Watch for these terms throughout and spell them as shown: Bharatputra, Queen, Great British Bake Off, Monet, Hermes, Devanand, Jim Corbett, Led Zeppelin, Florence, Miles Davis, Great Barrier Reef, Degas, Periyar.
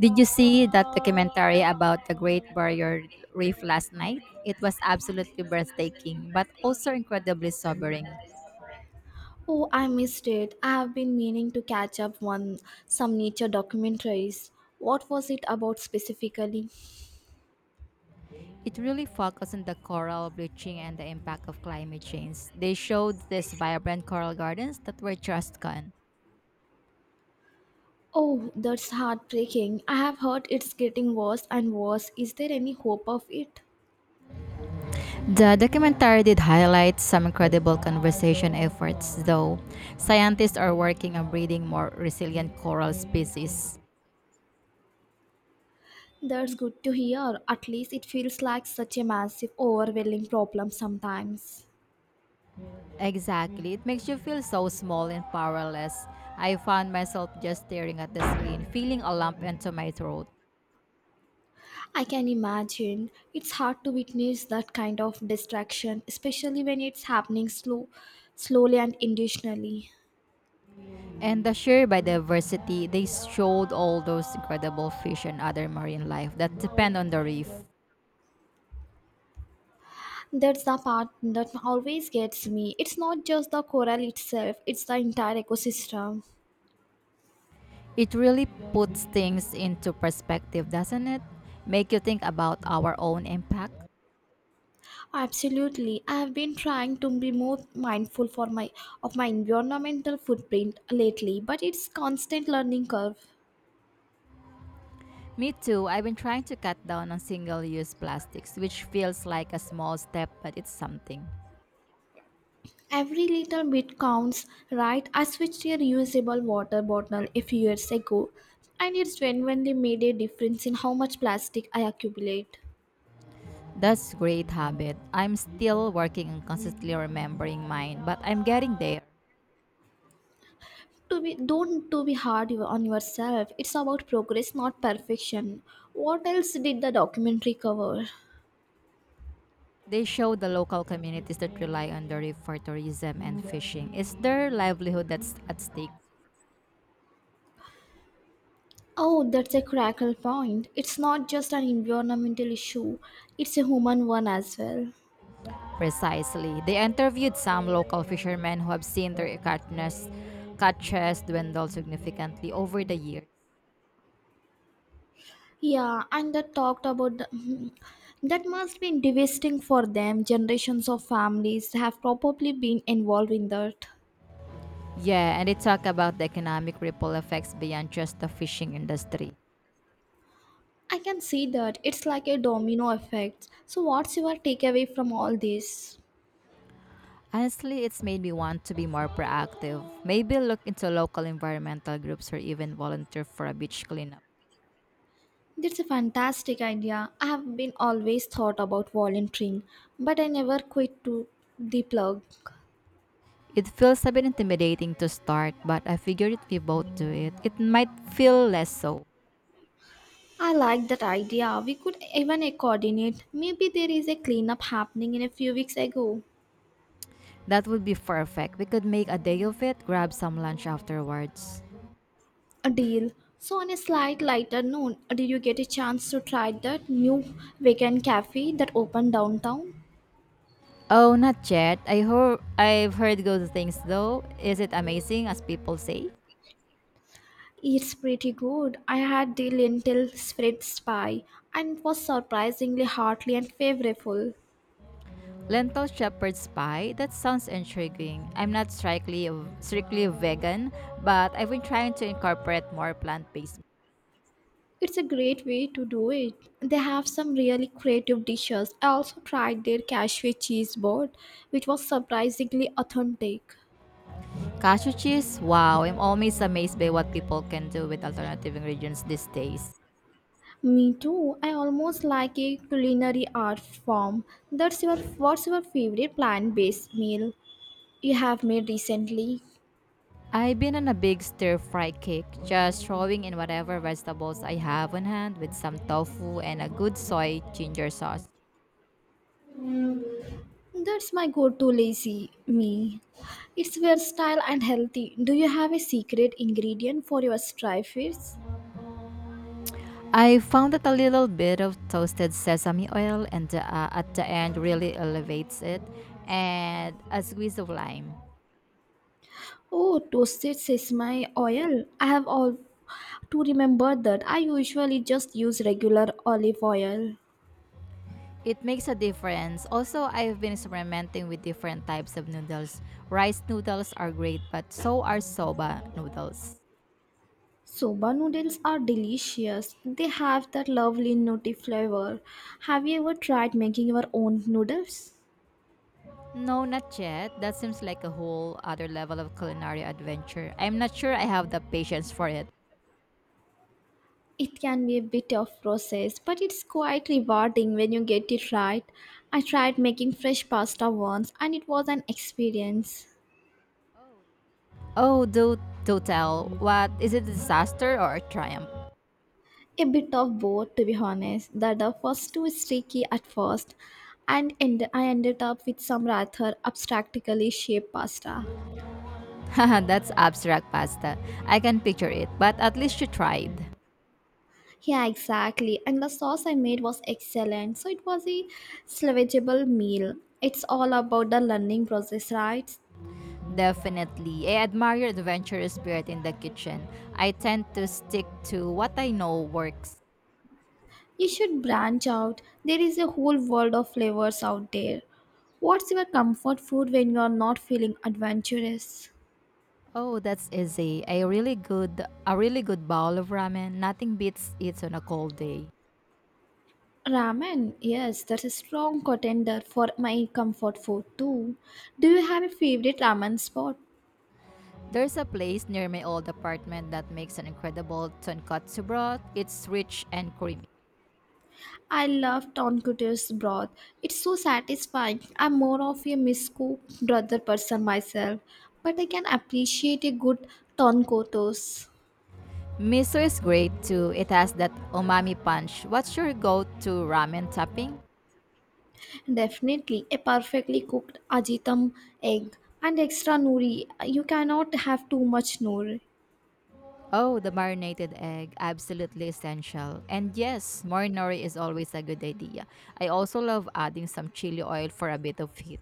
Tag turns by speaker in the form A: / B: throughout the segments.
A: Did you see that documentary about the Great Barrier Reef last night? It was absolutely breathtaking, but also incredibly sobering.
B: Oh, I missed it. I have been meaning to catch up on some nature documentaries. What was it about specifically?
A: It really focused on the coral bleaching and the impact of climate change. They showed these vibrant coral gardens that were just gone.
B: Oh, that's heartbreaking. I have heard it's getting worse and worse. Is there any hope of it?
A: The documentary did highlight some incredible conservation efforts, though. Scientists are working on breeding more resilient coral species.
B: That's good to hear. At least it feels like such a massive, overwhelming problem sometimes.
A: Exactly. It makes you feel so small and powerless. I found myself just staring at the screen, feeling a lump into my throat.
B: I can imagine it's hard to witness that kind of distraction, especially when it's happening slowly and intentionally.
A: And the sheer biodiversity, they showed all those incredible fish and other marine life that depend on the reef.
B: That's the part that always gets me. It's not just the coral itself, it's the entire ecosystem.
A: It really puts things into perspective, doesn't it? Make you think about our own impact.
B: Absolutely. I have been trying to be more mindful for my of my environmental footprint lately, but it's constant learning curve.
A: Me too, I've been trying to cut down on single use plastics, which feels like a small step, but it's something.
B: Every little bit counts, right? I switched to a reusable water bottle a few years ago, and it's genuinely made a difference in how much plastic I accumulate.
A: That's great habit. I'm still working on consistently remembering mine, but I'm getting there.
B: To be don't to be hard on yourself. It's about progress, not perfection. What else did the documentary cover?
A: They show the local communities that rely on the reef for tourism and fishing. It's their livelihood that's at stake.
B: Oh, that's a crackle point. It's not just an environmental issue, it's a human one as well.
A: Precisely. They interviewed some local fishermen who have seen their catches dwindle significantly over the years.
B: Yeah, and that talked about the, Mhm. that. Must be devastating for them. Generations of families have probably been involved in that.
A: Yeah, and they talk about the economic ripple effects beyond just the fishing industry.
B: I can see that, it's like a domino effect. So what's your takeaway from all this?
A: Honestly, it's made me want to be more proactive. Maybe look into local environmental groups or even volunteer for a beach cleanup.
B: That's a fantastic idea. I have been always thought about volunteering, but I never quit to the plug.
A: It feels a bit intimidating to start, but I figured if we both do it, it might feel less so.
B: I like that idea. We could even coordinate. Maybe there is a cleanup happening in a few weeks ago.
A: That would be perfect. We could make a day of it, grab some lunch afterwards.
B: A deal. So on a slight lighter note, did you get a chance to try that new vegan cafe that opened downtown?
A: Oh, not yet. I've heard good things though. Is it amazing as people say?
B: It's pretty good. I had the lentil spread pie and it was surprisingly hearty and flavorful.
A: Lentil shepherd's pie? That sounds intriguing. I'm not strictly vegan, but I've been trying to incorporate more plant-based.
B: It's a great way to do it. They have some really creative dishes. I also tried their cashew cheese board, which was surprisingly authentic.
A: Cashew cheese? Wow, I'm always amazed by what people can do with alternative ingredients these days.
B: Me too. I almost like a culinary art form. That's your What's your favorite plant-based meal you have made recently?
A: I've been on a big stir-fry kick, just throwing in whatever vegetables I have on hand with some tofu and a good soy ginger sauce.
B: That's my go-to lazy me. It's versatile and healthy. Do you have a secret ingredient for your stir fries?
A: I found that a little bit of toasted sesame oil and at the end really elevates it, and a squeeze of lime.
B: Oh, toasted sesame oil. I have all to remember that. I usually just use regular olive oil.
A: It makes a difference. Also, I've been experimenting with different types of noodles. Rice noodles are great, but so are soba noodles.
B: Soba noodles are delicious. They have that lovely nutty flavor. Have you ever tried making your own noodles?
A: No, not yet. That seems like a whole other level of culinary adventure. I'm not sure I have the patience for it.
B: It can be a bit of process, but it's quite rewarding when you get it right. I tried making fresh pasta once and it was an experience.
A: Oh, do tell. What? Is it a disaster or a triumph?
B: A bit of both, to be honest. That the first two is tricky at first, and I ended up with some rather abstractly shaped pasta.
A: Haha, that's abstract pasta. I can picture it, but at least you tried.
B: Yeah, exactly. And the sauce I made was excellent, so it was a salvageable meal. It's all about the learning process, right?
A: Definitely. I admire your adventurous spirit in the kitchen. I tend to stick to what I know works.
B: You should branch out. There is a whole world of flavors out there. What's your comfort food when you are not feeling adventurous?
A: Oh, that's easy. A really good bowl of ramen. Nothing beats it on a cold day.
B: Ramen, yes, that's a strong contender for my comfort food too. Do you have a favorite ramen spot?
A: There's a place near my old apartment that makes an incredible tonkatsu broth. It's rich and creamy.
B: I love tonkatsu's broth. It's so satisfying. I'm more of a miscooked brother person myself, but I can appreciate a good tonkotsu.
A: Miso is great too. It has that umami punch. What's your go-to ramen topping?
B: Definitely a perfectly cooked ajitam egg and extra nori. You cannot have too much nori.
A: Oh, the marinated egg, absolutely essential. And yes, more nori is always a good idea. I also love adding some chili oil for a bit of heat.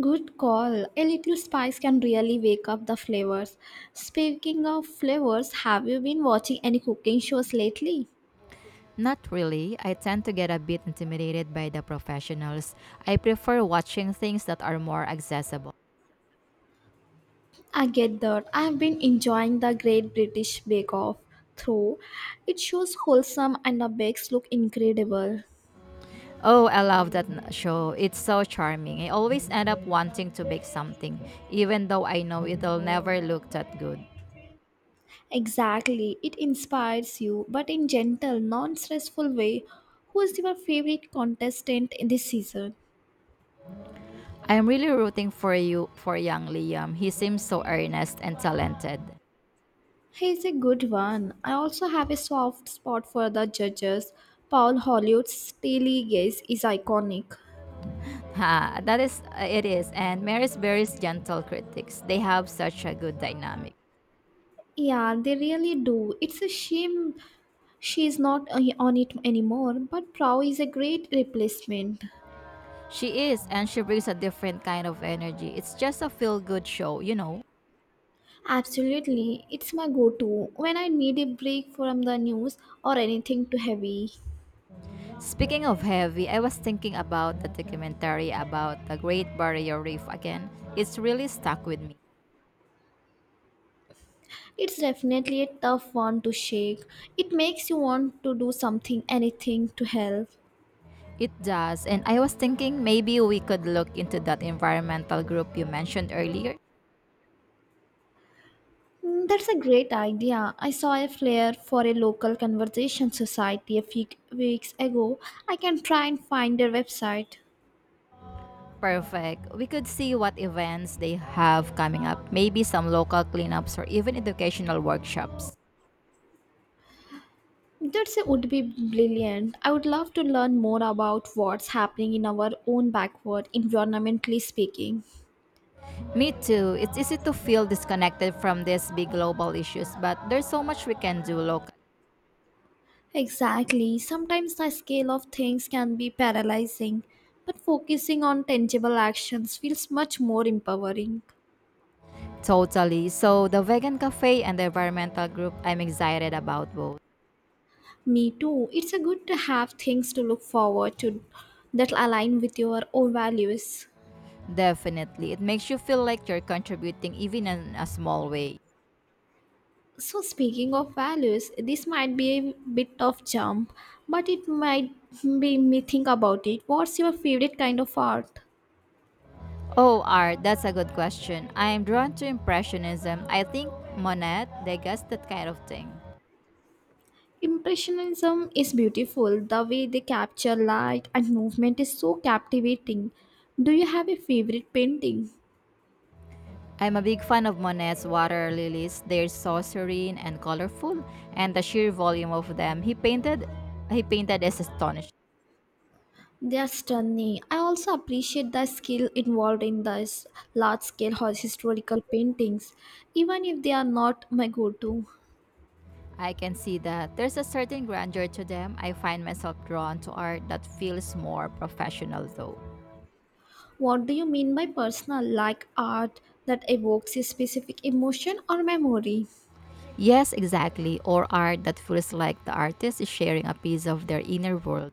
B: Good call. A little spice can really wake up the flavors. Speaking of flavors, have you been watching any cooking shows lately?
A: Not really, I tend to get a bit intimidated by the professionals. I prefer watching things that are more accessible.
B: I get that. I've been enjoying the Great British Bake Off through. It shows wholesome and the bakes look incredible.
A: Oh, I love that show. It's so charming. I always end up wanting to bake something, even though I know it'll never look that good.
B: Exactly. It inspires you, but in gentle, non-stressful way. Who is your favorite contestant in this season?
A: I'm really rooting for young Liam. He seems so earnest and talented.
B: He's a good one. I also have a soft spot for the judges. Paul Hollywood's steely gaze is iconic.
A: Ha, that is it is. And Mary's Berry's gentle critics. They have such a good dynamic.
B: Yeah, they really do. It's a shame she's not on it anymore, but Prow is a great replacement.
A: She is, and she brings a different kind of energy. It's just a feel good show, you know.
B: Absolutely, it's my go to when I need a break from the news or anything too heavy.
A: Speaking of heavy, I was thinking about the documentary about the Great Barrier Reef again. It's really stuck with me.
B: It's definitely a tough one to shake. It makes you want to do something, anything to help.
A: It does, and I was thinking maybe we could look into that environmental group you mentioned earlier.
B: Mm, that's a great idea. I saw a flyer for a local conversation society a few weeks ago. I can try and find their website.
A: Perfect. We could see what events they have coming up, maybe some local cleanups or even educational workshops.
B: That would be brilliant. I would love to learn more about what's happening in our own backward, environmentally speaking.
A: Me too. It's easy to feel disconnected from these big global issues, but there's so much we can do locally.
B: Exactly. Sometimes the scale of things can be paralyzing, but focusing on tangible actions feels much more empowering.
A: Totally. So, the vegan cafe and the environmental group, I'm excited about both.
B: Me too. It's a good to have things to look forward to that align with your own values.
A: Definitely. It makes you feel like you're contributing even in a small way.
B: So speaking of values, this might be a bit of jump, but it might make me think about it. What's your favorite kind of art?
A: Oh, art, that's a good question. I'm drawn to Impressionism. I think Monet, Degas, that kind of thing.
B: Impressionism is beautiful. The way they capture light and movement is so captivating. Do you have a favorite painting?
A: I'm a big fan of Monet's water lilies. They're so serene and colorful, and the sheer volume of them he painted is astonishing.
B: They are stunning. I also appreciate the skill involved in these large scale historical paintings, even if they are not my go to.
A: I can see that there's a certain grandeur to them. I find myself drawn to art that feels more professional though.
B: What do you mean by personal, like art that evokes a specific emotion or memory?
A: Yes, exactly, or art that feels like the artist is sharing a piece of their inner world.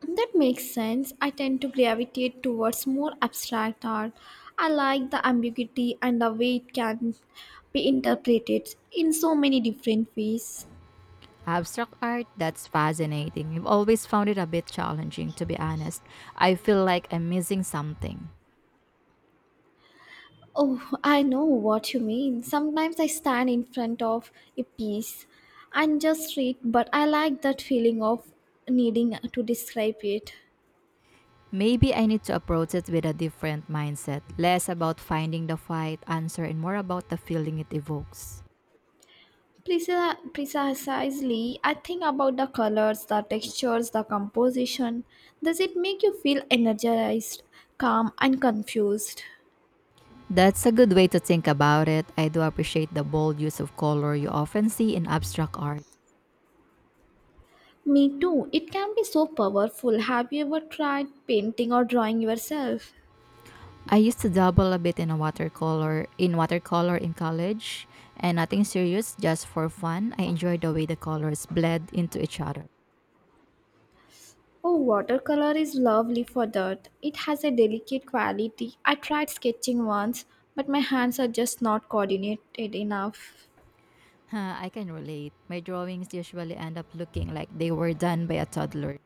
B: That makes sense. I tend to gravitate towards more abstract art. I like the ambiguity and the way it can be interpreted in so many different ways.
A: Abstract art, that's fascinating. I've always found it a bit challenging, to be honest. I feel like I'm missing something.
B: Oh, I know what you mean. Sometimes I stand in front of a piece and just read, but I like that feeling of needing to describe it.
A: Maybe I need to approach it with a different mindset, less about finding the right answer and more about the feeling it evokes.
B: Precisely, I think about the colors, the textures, the composition. Does it make you feel energized, calm, and confused?
A: That's a good way to think about it. I do appreciate the bold use of color you often see in abstract art.
B: Me too. It can be so powerful. Have you ever tried painting or drawing yourself?
A: I used to dabble a bit in watercolor in college and nothing serious, just for fun. I enjoyed the way the colors bled into each other.
B: Oh, watercolor is lovely for that. It has a delicate quality. I tried sketching once, but my hands are just not coordinated enough.
A: Huh, I can relate. My drawings usually end up looking like they were done by a toddler.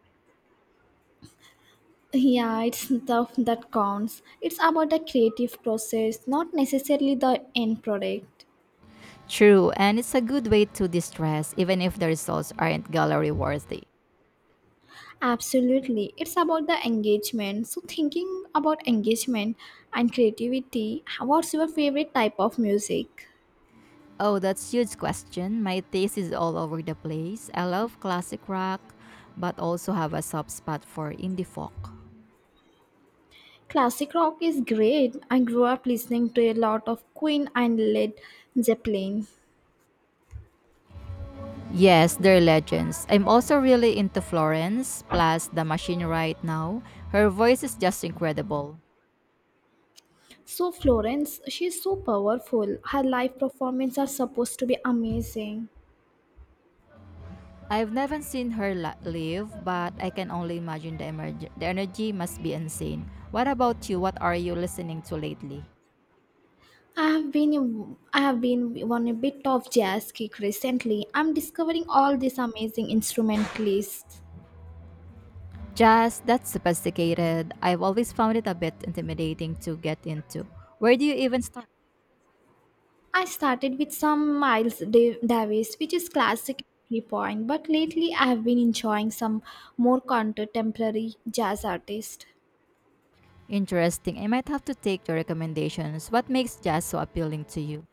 B: Yeah, it's stuff that counts. It's about the creative process, not necessarily the end product.
A: True, and it's a good way to distress even if the results aren't gallery worthy.
B: Absolutely. It's about the engagement. So, thinking about engagement and creativity, what's your favorite type of music?
A: Oh, that's a huge question. My taste is all over the place. I love classic rock, but also have a soft spot for indie folk.
B: Classic rock is great. I grew up listening to a lot of Queen and Led Zeppelin.
A: Yes, they're legends. I'm also really into Florence, plus the machine right now. Her voice is just incredible.
B: So Florence, she's so powerful. Her live performances are supposed to be amazing.
A: I've never seen her live, but I can only imagine the energy must be insane. What about you? What are you listening to lately?
B: I have been on a bit of jazz kick recently. I'm discovering all these amazing instrumentalists.
A: Jazz, that's sophisticated. I've always found it a bit intimidating to get into. Where do you even start?
B: I started with some Davis, which is classic entry point, but lately I have been enjoying some more contemporary jazz artists.
A: Interesting. I might have to take your recommendations. What makes jazz so appealing to you?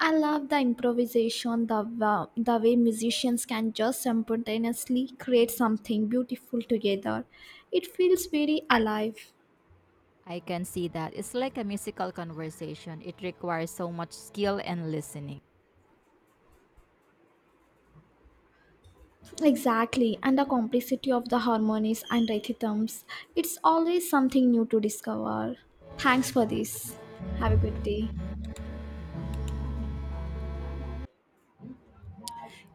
B: I love the improvisation, the way musicians can just spontaneously create something beautiful together. It feels very alive.
A: I can see that. It's like a musical conversation. It requires so much skill and listening.
B: Exactly, and the complexity of the harmonies and rhythms. It's always something new to discover. Thanks for this. Have a good day.